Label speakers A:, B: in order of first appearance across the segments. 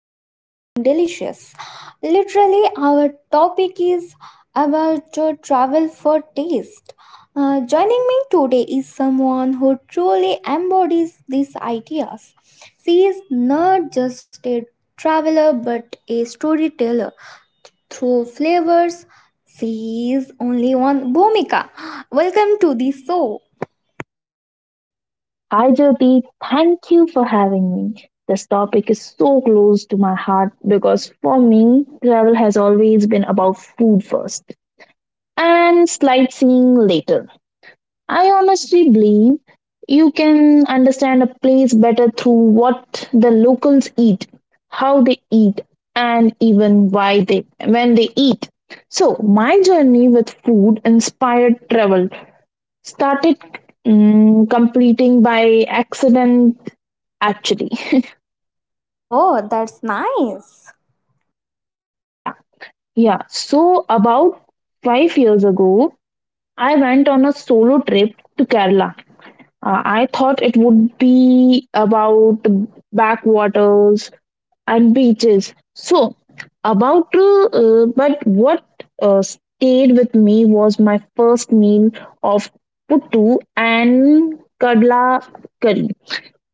A: Into something delicious. Literally, our topic is about your travel for taste. Joining me today is someone who truly embodies these ideas. She is not just a traveler but a storyteller through flavors. She is only one Bhumika. Welcome to the show.
B: Hi Jyoti, thank you for having me. This topic is so close to my heart because for me, travel has always been about food first and sightseeing later. I honestly believe you can understand a place better through what the locals eat, how they eat, and even why they when they eat. So my journey with food inspired travel started completing by accident actually.
A: Oh, that's nice.
B: yeah, about 5 years ago, I went on a solo trip to Kerala. I thought it would be about backwaters and beaches. So, but what stayed with me was my first meal of puttu and kadla curry,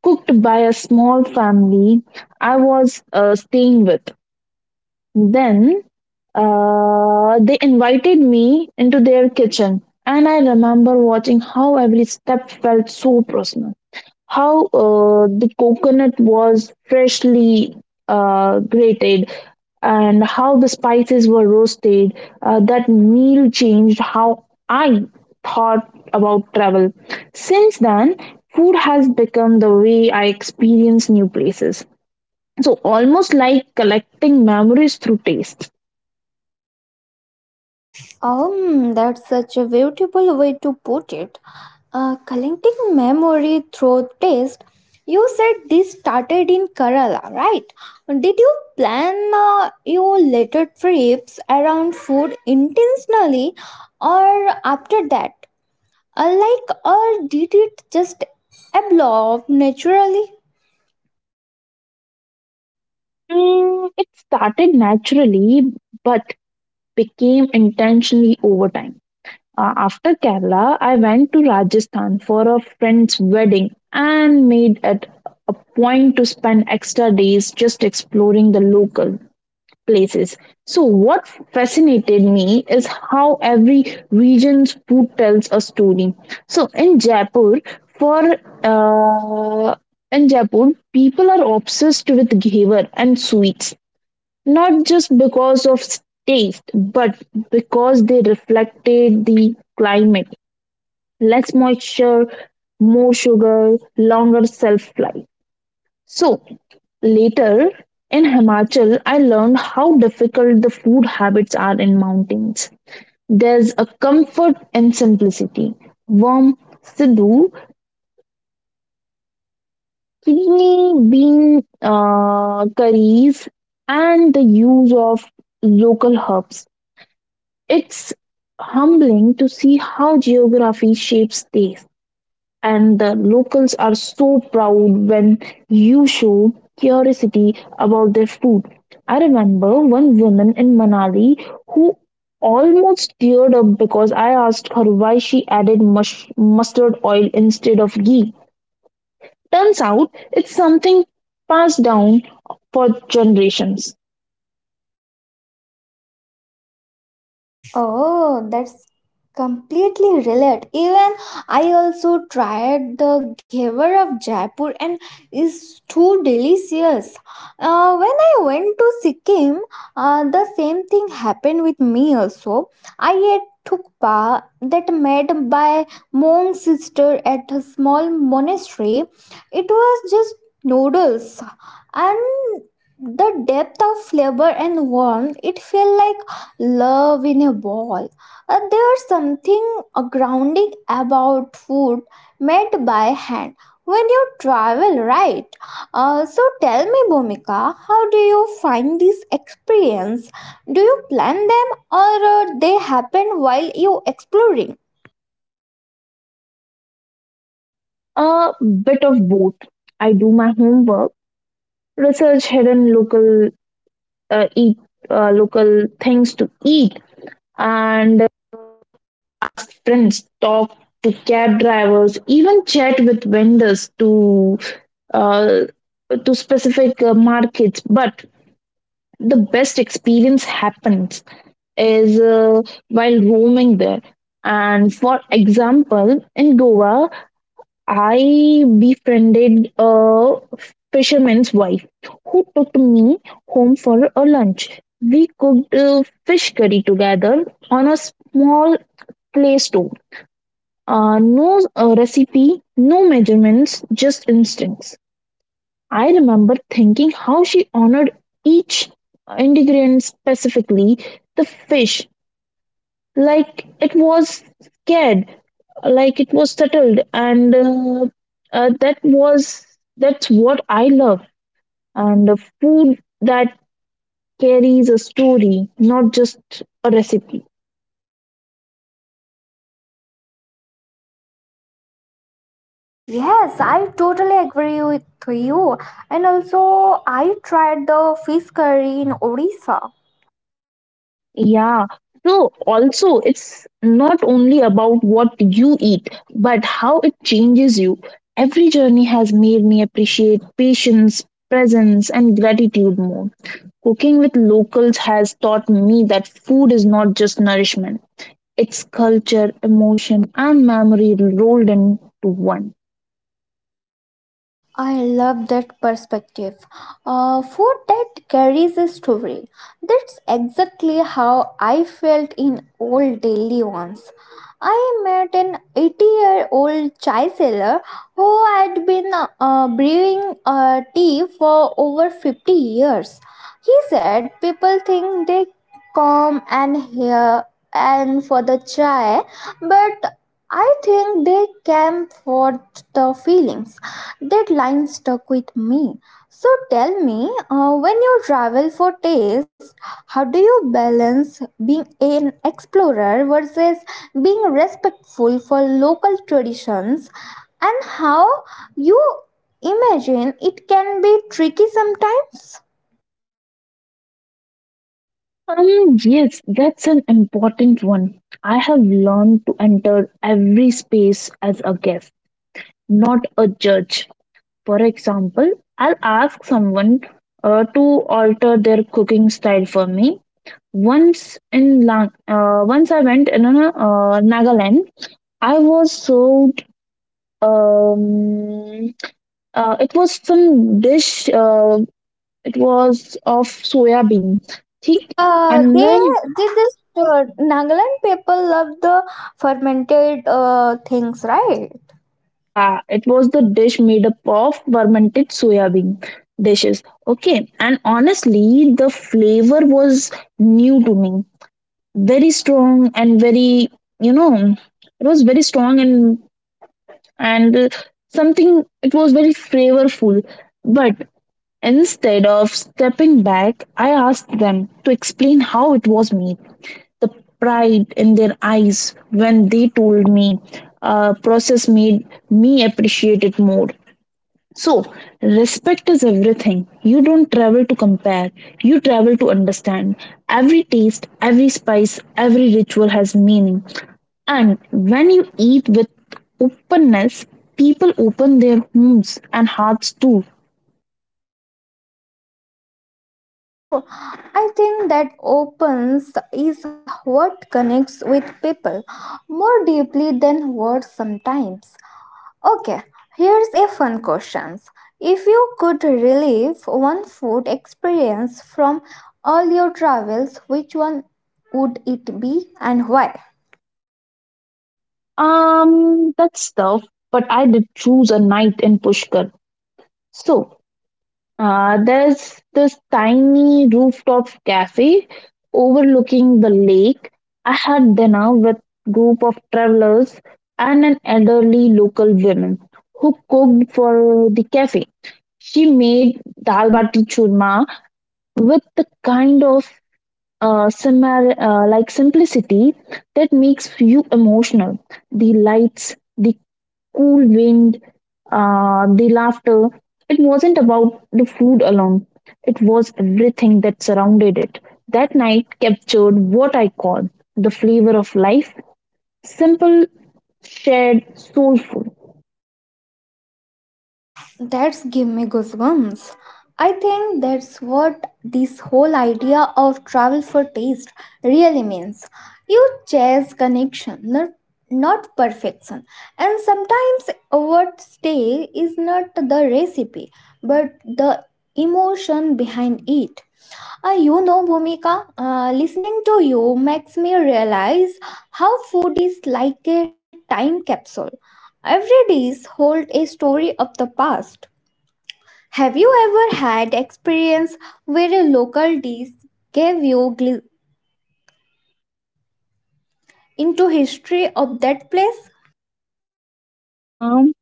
B: cooked by a small family I was staying with. Then they invited me into their kitchen, and I remember watching how every step felt so personal. How the coconut was freshly grated, and how the spices were roasted. That meal changed how I thought about travel. Since then, food has become the way I experience new places. So, almost like collecting memories through taste.
A: That's such a beautiful way to put it. Collecting memory through taste. You said this started in Kerala, right? Did you plan your later trips around food intentionally or after that? Or did it just evolve naturally?
B: It started naturally, but became intentionally over time. After Kerala, I went to Rajasthan for a friend's wedding and made it a point to spend extra days just exploring the local places. So, what fascinated me is how every region's food tells a story. So, for uh, in Jaipur, people are obsessed with ghevar and sweets not just because of taste, but because they reflected the climate, less moisture, more sugar, longer shelf life. So, later in Himachal, I learned how difficult the food habits are in mountains. There's a comfort in simplicity. Warm sidhu, kidney bean curries, and the use of local herbs. It's humbling to see how geography shapes taste, and the locals are so proud when you show curiosity about their food. I remember one woman in Manali who almost teared up because I asked her why she added mustard oil instead of ghee. Turns out it's something passed down for generations.
A: Oh, that's completely relate. Even I also tried the ghevar of Jaipur and is too delicious. When I went to Sikkim, the same thing happened with me also. I ate thukpa that made by monk sister at a small monastery. It was just noodles and the depth of flavor and warmth it felt like love in a ball. There's something grounding about food made by hand when you travel, right? So tell me, Bhumika, how do you find this experience? Do you plan them or they happen while you exploring?
B: A bit of both. I do my homework, research hidden local eat local things to eat and ask friends, talk to cab drivers, even chat with vendors uh, to specific markets. But the best experience happens is while roaming there. And for example, in Goa, I befriended a fisherman's wife who took me home for a lunch. We cooked fish curry together on a small clay stove. No recipe, no measurements, just instincts. I remember thinking how she honored each ingredient specifically, the fish, like it was scared, like it was settled and uh, that was that's what I love, and the food that carries a story, not just a recipe.
A: Yes, I totally agree with you. And also, I tried the fish curry in Odisha.
B: Yeah, so also it's not only about what you eat but how it changes you. Every journey has made me appreciate patience, presence and gratitude more. Cooking with locals has taught me that food is not just nourishment. It's culture, emotion, and memory rolled into one.
A: I love that perspective. Food that carries a story. That's exactly how I felt in old Delhi once. I met an 80-year-old year old chai seller who had been brewing tea for over 50 years. He said people think they come and here and for the chai, but I think they came for the feelings. That line stuck with me. So tell me, when you travel for taste, how do you balance being an explorer versus being respectful for local traditions and how you imagine it can be tricky sometimes?
B: Yes, that's an important one. I have learned to enter every space as a guest, not a judge. For example, I'll ask someone to alter their cooking style for me. Once I went in a, Nagaland, I was served um, it was some dish, it was of soya bean, thick, and
A: They
B: then
A: did this. Nagaland people love the fermented things, right?
B: yeah, it was the dish made up of fermented soya bean dishes. Okay, and honestly, the flavor was new to me, very strong and very, you know, it was very strong and something. It was very flavorful, but instead of stepping back, I asked them to explain how it was made. The pride in their eyes when they told me process made me appreciate it more. So respect is everything. You don't travel to compare, you travel to understand. Every taste, every spice, every ritual has meaning, and when you eat with openness, people open their homes and hearts too.
A: Mm, that's so true. I think that opens is what connects with people more deeply than words sometimes. Okay, here's a fun question. If you could relive one food experience from all your travels, which one would it be and why?
B: That's tough, but I did choose a night in Pushkar. So there's this tiny rooftop cafe overlooking the lake. I had dinner with group of travelers and an elderly local woman who cooked for the cafe. She made dal bati churma with the kind of like simplicity that makes you emotional. The lights, the cool wind, the laughter. It wasn't about the food alone, it was everything that surrounded it. That night captured what I call the flavor of life, simple, shared, soulful.
A: That's give me goosebumps. I think that's what this whole idea of travel for taste really means. You chase connection, not perfection. And sometimes overstay is not the recipe, but the emotion behind it. You know, Bhumika, listening to you makes me realize how food is like a time capsule. Every dish hold a story of the past. Have you ever had experience where a local dish gave you glimpse into history of that place?
B: Um,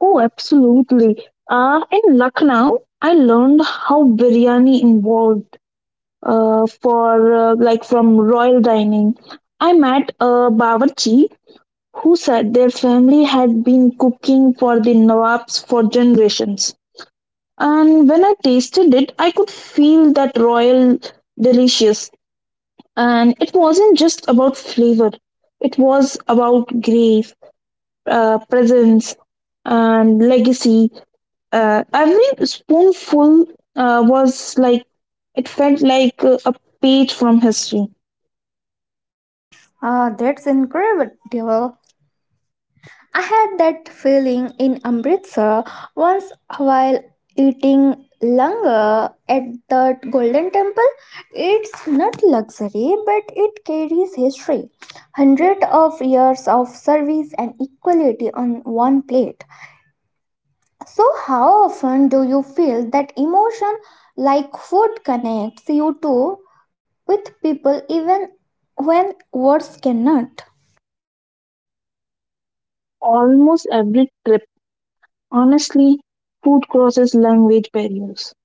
B: oh, absolutely. In Lucknow, I learned how biryani involved for like from royal dining. I met a bawarchi who said their family had been cooking for the Nawabs for generations. And when I tasted it, I could feel that royal delicious. And it wasn't just about flavor, it was about grace, presence, and legacy. Every spoonful uh, was like, it felt like a page from history.
A: Ah, that's incredible. I had that feeling in Amritsar once while eating langar at the Golden Temple. It's not luxury, but it carries history. Hundreds of years of service and equality on one plate. So, how often do you feel that emotion like food connects you to with people even when words cannot?
B: Almost every trip, honestly, food crosses language barriers.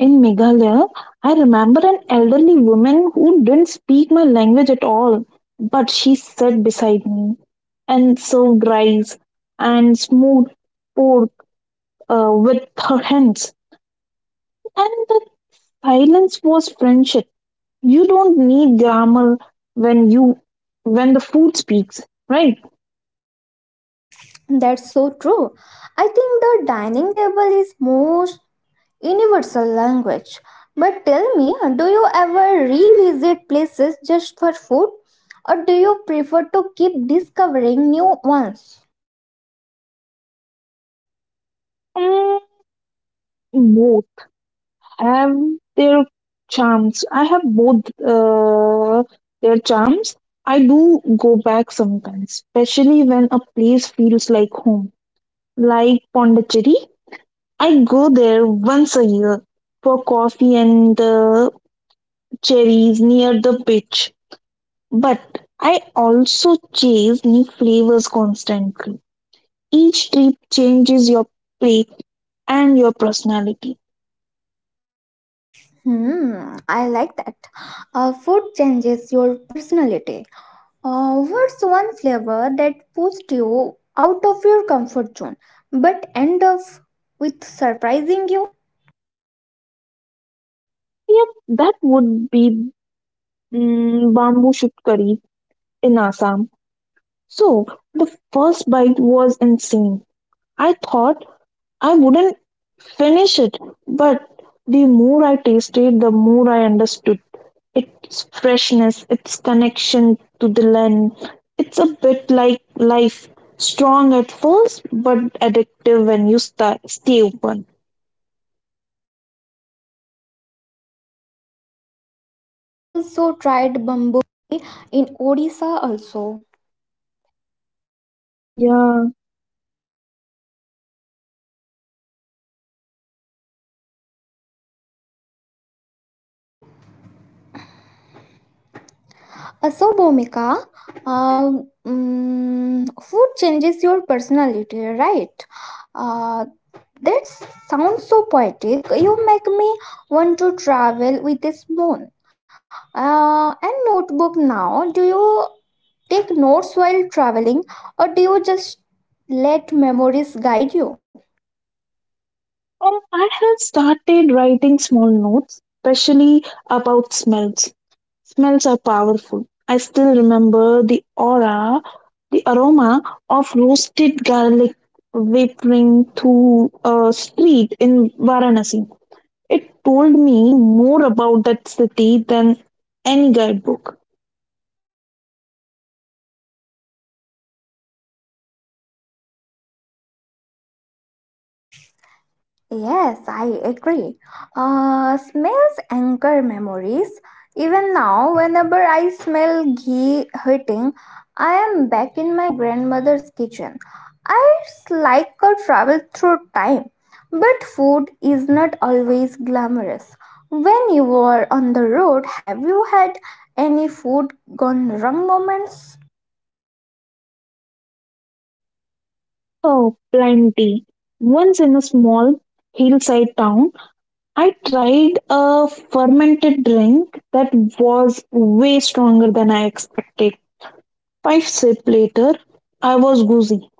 B: In Meghalaya, I remember an elderly woman who didn't speak my language at all, but she sat beside me and served rice and smoked pork with her hands. And the silence was friendship. You don't need grammar when you when the food speaks, right?
A: That's so true. I think the dining table is most universal language. But tell me, do you ever revisit places just for food do you prefer to keep discovering new ones?
B: Mm, Both have their charms. I have both their charms. I do go back sometimes, especially when a place feels like home, like Pondicherry. I go there once a year for coffee and the cherries near the beach. But I also chase new flavors constantly. Each trip changes your plate and your personality.
A: Hmm, I like that. Food changes your personality. What's one flavor that pushed you out of your comfort zone but end up with surprising you?
B: Yep, that would be bamboo shoot curry in Assam. So the first bite was insane. I thought I wouldn't finish it, but the more I tasted, the more I understood its freshness, its connection to the land. It's a bit like life, strong at first, but addictive when you stay open.
A: Ah,
B: Mm. Yeah.
A: Bhumika, uh, food changes your personality, right? Uh, that sounds so poetic. You make me want to travel with a spoon and notebook now. Do you take notes while traveling, or do you just let memories guide you?
B: I have started writing small notes, especially about smells. Smells are powerful. I still remember the aura, the aroma of roasted garlic wafting through a street in Varanasi. It told me more about that city than any guidebook.
A: Yes, I agree. Smells anchor memories. Even now, whenever I smell ghee heating, I am back in my grandmother's kitchen. I it's like a travel through time. But food is not always glamorous. When you were on the road, have you had any food gone wrong moments?
B: Oh, plenty. Once in a small hillside town, I tried a fermented drink that was way stronger than I expected. 5 sips later, I was woozy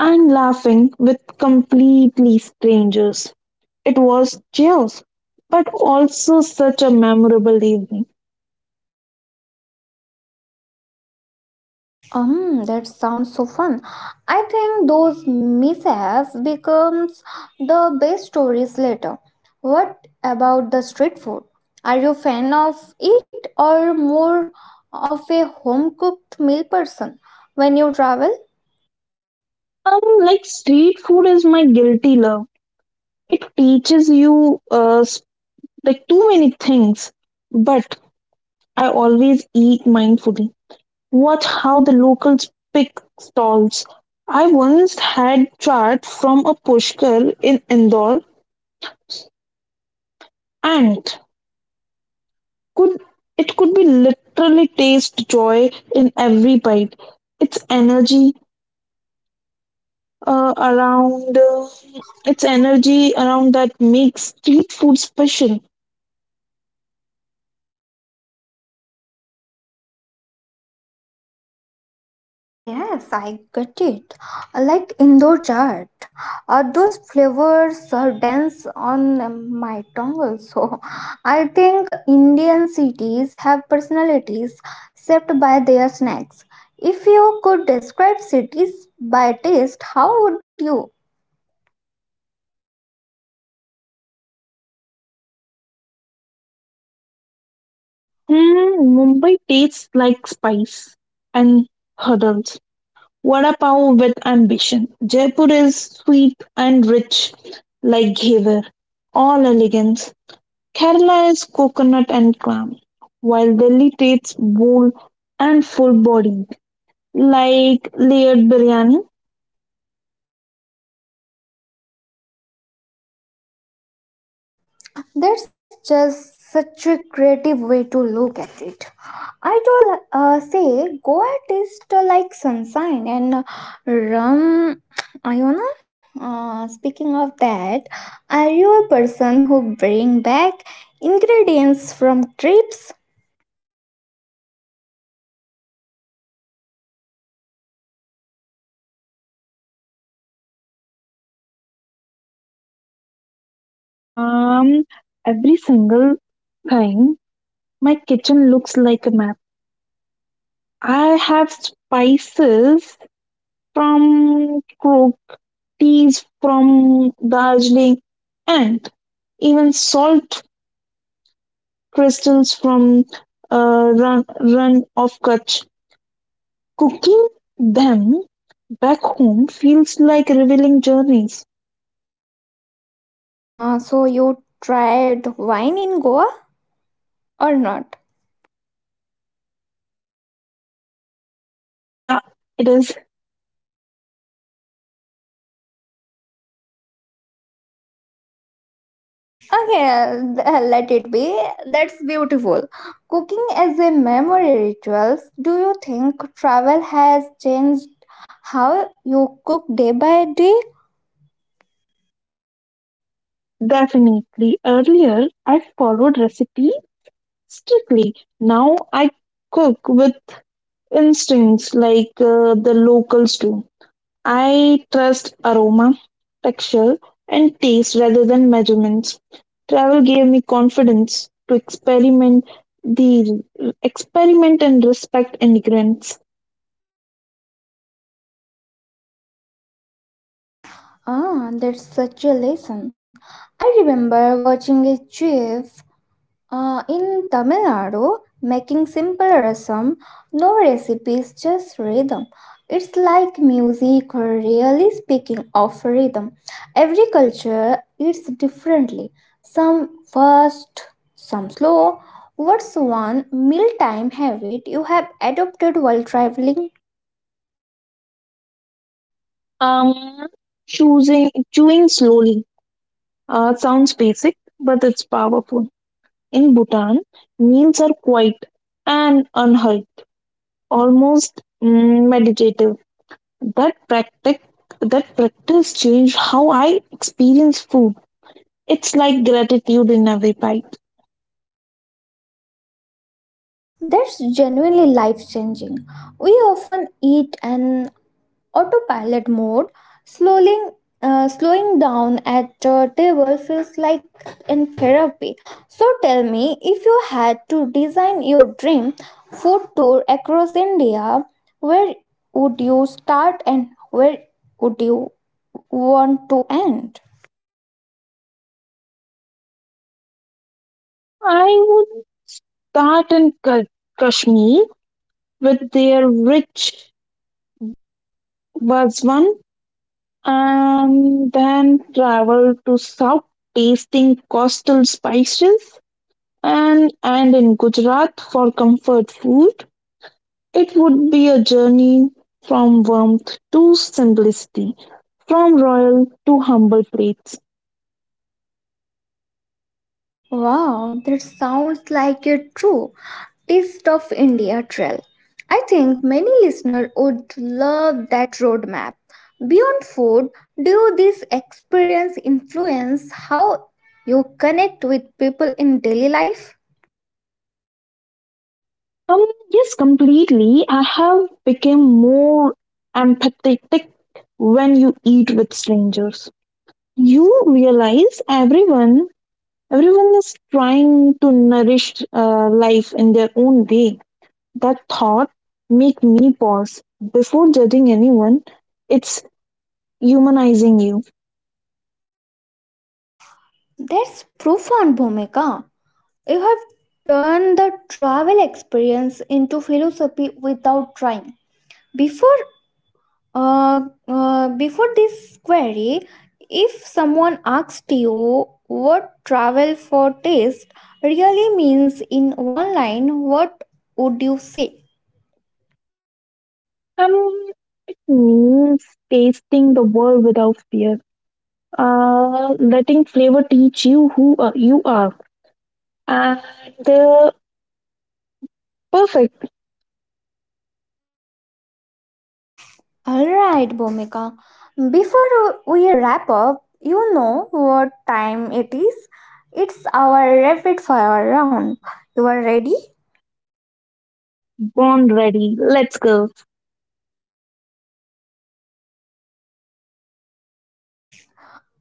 B: and laughing with completely strangers. It was chaos, but also such a memorable evening.
A: That sounds so fun. I think those mishaps becomes the best stories later. What about the street food? Are you a fan of it or more of a home cooked meal person when you travel?
B: Like, street food is my guilty love. It teaches you like too many things, but I always eat mindfully. Watch how the locals pick stalls. I once had chaat from a pushkar in Indore, and could it could be literally taste joy in every bite. It's energy around it's energy around that makes street food special.
A: Yes, I get it. Like indoor chart, those flavors are dense on my tongue. Also, I think Indian cities have personalities shaped by their snacks. If you could describe cities by taste, how would you?
B: Hmm, Mumbai tastes like spice and hurdles, vada pav with ambition. Jaipur is sweet and rich, like ghevar, all elegance. Kerala is coconut and clam, while Delhi tastes bold and full body, like layered biryani.
A: That's just such a creative way to look at it. I told say Goa tastes like sunshine and rum. Iona, speaking of that, are you a person who bring back ingredients from trips?
B: Um, every single time, my kitchen looks like a map. I have spices from Crook, teas from Darjeeling, and even salt crystals from run of Kutch. Cooking them back home feels like revealing journeys.
A: So you tried wine in Goa or not?
B: Yeah, it is.
A: Okay, let it be. That's beautiful. Cooking as a memory rituals. Do you think travel has changed how you cook day by day?
B: Definitely. Earlier, I followed recipe strictly. Now I cook with instincts, like the locals do. I trust aroma, texture, and taste rather than measurements. Travel gave me confidence to the experiment and respect immigrants.
A: Ah, that's such a lesson. I remember watching a chef in Tamil Nadu, making simple rasam, no recipes, just rhythm. It's like music, really speaking of rhythm. Every culture eats differently. Some fast, some slow. What's one mealtime habit you have adopted while traveling?
B: Um, Choosing chewing slowly sounds basic, but it's powerful. In Bhutan, meals are quiet and unhurried, almost meditative. That practice, that practice changed how I experience food. It's like gratitude in every bite.
A: That's genuinely life changing. We often eat an autopilot mode, slowing, slowing down at a table feels like in therapy. So tell me, if you had to design your dream food tour across India, where would you start and where would you want to end?
B: I would start in Kashmir with their rich Bazwan and then travel to South, tasting coastal spices, and in Gujarat for comfort food. It would be a journey from warmth to simplicity, from royal to humble plates.
A: Wow, that sounds like a true East of India trail. I think many listeners would love that roadmap. Beyond food, do this experience influence how you connect with people in daily life?
B: Um, yes, completely. I have become more empathetic. When you eat with strangers, you realize everyone is trying to nourish life in their own way. That thought make me pause before judging anyone. It's humanizing you.
A: That's profound, Bhumika. You have turned the travel experience into philosophy without trying. Before Uh, Before this query, if someone asked you what travel for taste really means in one line, what would you say?
B: Um, Means tasting the world without fear. Letting flavor teach you who you are. And uh, perfect,
A: Alright, Bhumika. Before we wrap up, you know what time it is. It's our rapid fire round. You are ready?
B: born ready. Let's go.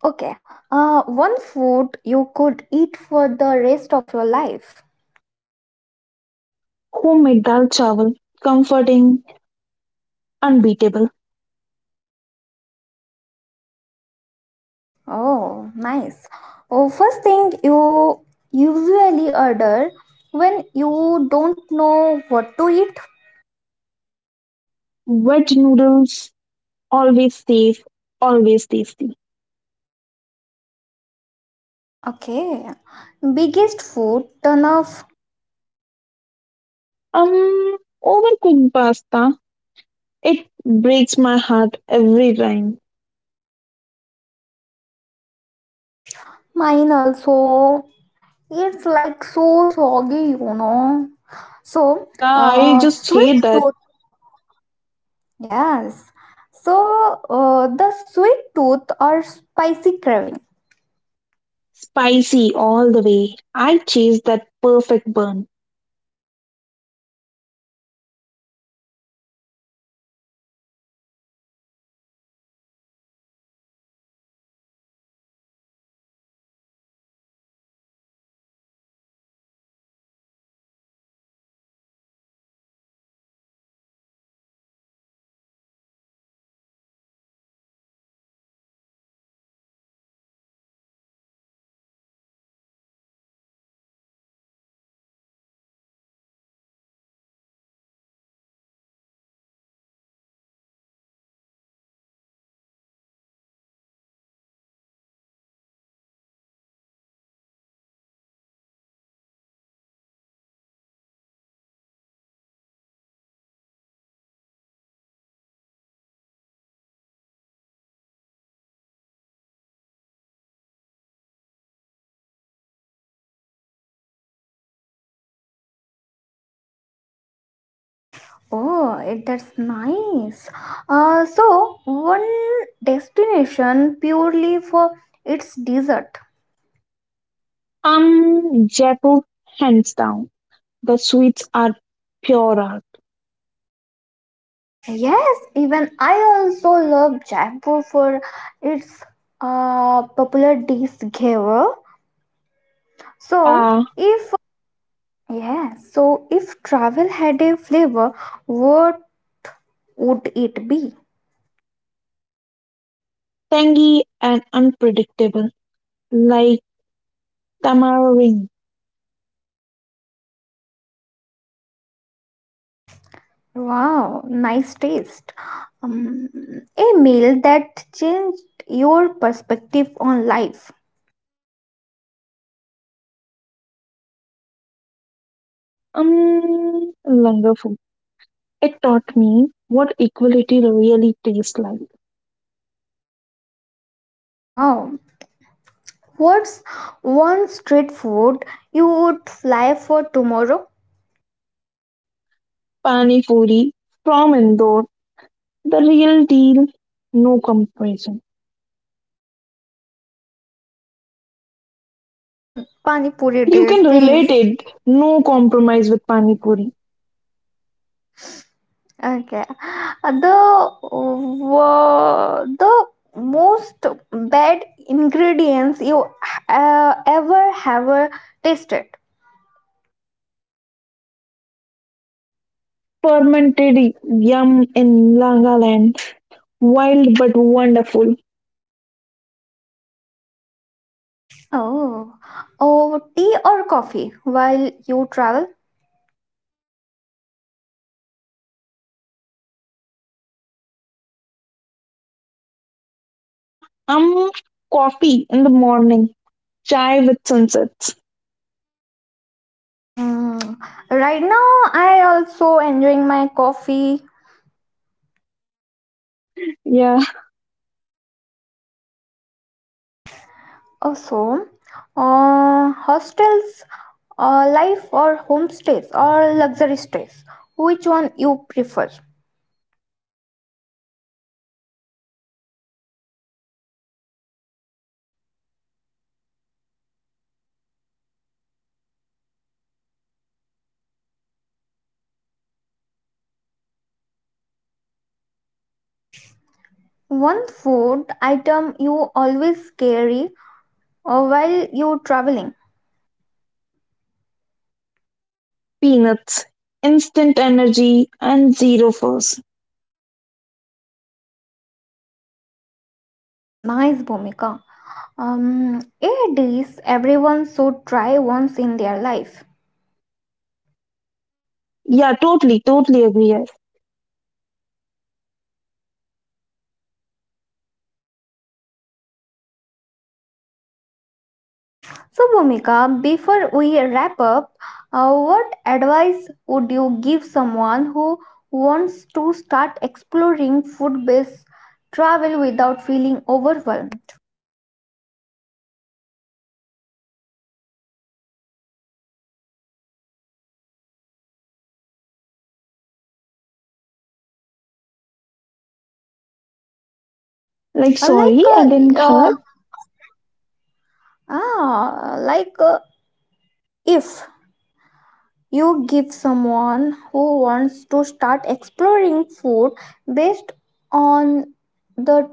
A: Okay. One food you could eat for the rest of your life.
B: Homemade dal chawal, comforting, unbeatable.
A: Oh, nice. Oh, first thing you usually order when you don't know what to eat.
B: Veg noodles, always safe, always tasty.
A: Okay. Biggest food ton of
B: Overcooked pasta, it breaks my heart every time.
A: mine also. It's like so soggy, you know. So,
B: Yeah, I just
A: sweet
B: hate that.
A: tooth. Yes. So, the sweet tooth or spicy craving.
B: Spicy all the way. I chase that perfect burn.
A: Okay. A dish that took you by surprise. Oh, that's nice. Uh, so, One destination purely for its dessert.
B: Jaipur, hands down. The sweets are pure art.
A: Yes, even I also love Jaipur for its popular dish giver. So,
B: Yeah,
A: if if travel had a flavor, what would it be?
B: tangy and unpredictable, like tamarind.
A: Wow, nice taste. Um, a meal that changed your perspective on life.
B: Langar food. It taught me what equality really tastes like.
A: Wow. What's one street food you would fly for tomorrow?
B: Pani puri from Indore, the real deal, no comparison.
A: Oh, just go for a pani puri
B: Like, you can
A: date,
B: relate
A: please.
B: it, no compromise with pani puri.
A: Okay. Uh, The the most bad ingredients you ever have tasted.
B: Fermented yum in Langaland, wild but wonderful.
A: Oh, oh, tea or coffee while you travel?
B: Uh, um, coffee in the morning, chai with sunsets.
A: Mm. Right now, I also enjoying my coffee.
B: Yeah,
A: Also, hostels, life or homestays or luxury stays, which one you prefer? One food item you always carry while you traveling.
B: peanuts, instant energy, and zero force.
A: Nice, Bhumika. A dish everyone should try once in their life.
B: Yeah, totally, totally agree. I-
A: So, Bhumika, before we wrap up, what advice would you give someone who wants to start exploring food based travel without feeling overwhelmed?
B: like,
A: Uh,
B: sorry,
A: like,
B: I didn't
A: uh, uh,
B: hear.
A: ah, like uh, if you give someone who wants to start exploring food based on the,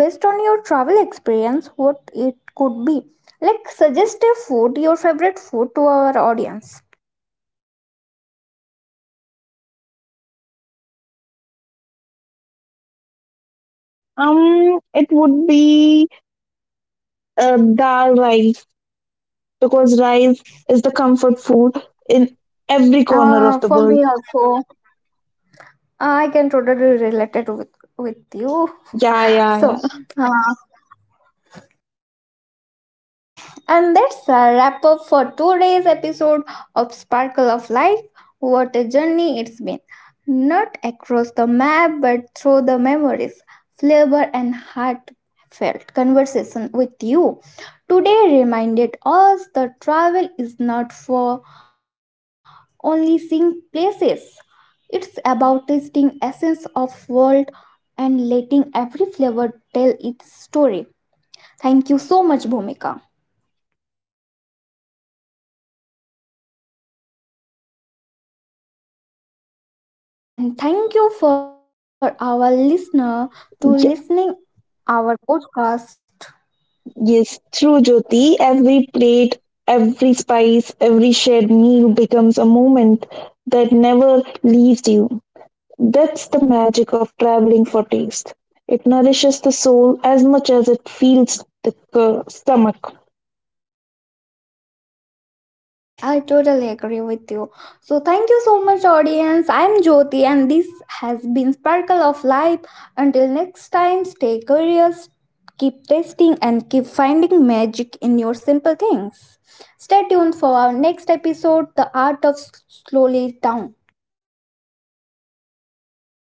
A: based on your travel experience, what it could be. Like, suggest a food, your favorite food to our audience.
B: It would be dal rice, because rice is the comfort food in every corner of the
A: For
B: world.
A: me also, I can totally relate it with you.
B: Yeah, yeah, yeah.
A: So, uh, and that's a wrap up for today's episode of Sparkle of Life. What a journey it's been. Not across the map, but through the memories, flavor, and heartfelt conversation with you. Today reminded us that travel is not for only seeing places. It's about tasting essence of world and letting every flavor tell its story. Thank you so much, Bhumika. And thank you for our listener to listening our podcast.
B: Yes, true, Jyoti. Every plate, every spice, every shared meal becomes a moment that never leaves you. That's the magic of traveling for taste. It nourishes the soul as much as it feels the stomach.
A: Okay, I totally agree with you. So thank you so much audience. I'm Jyoti and this has been Sparkle of Life. Until next time, stay curious, keep testing and keep finding magic in your simple things. Stay tuned for our next episode, the art of slowly down.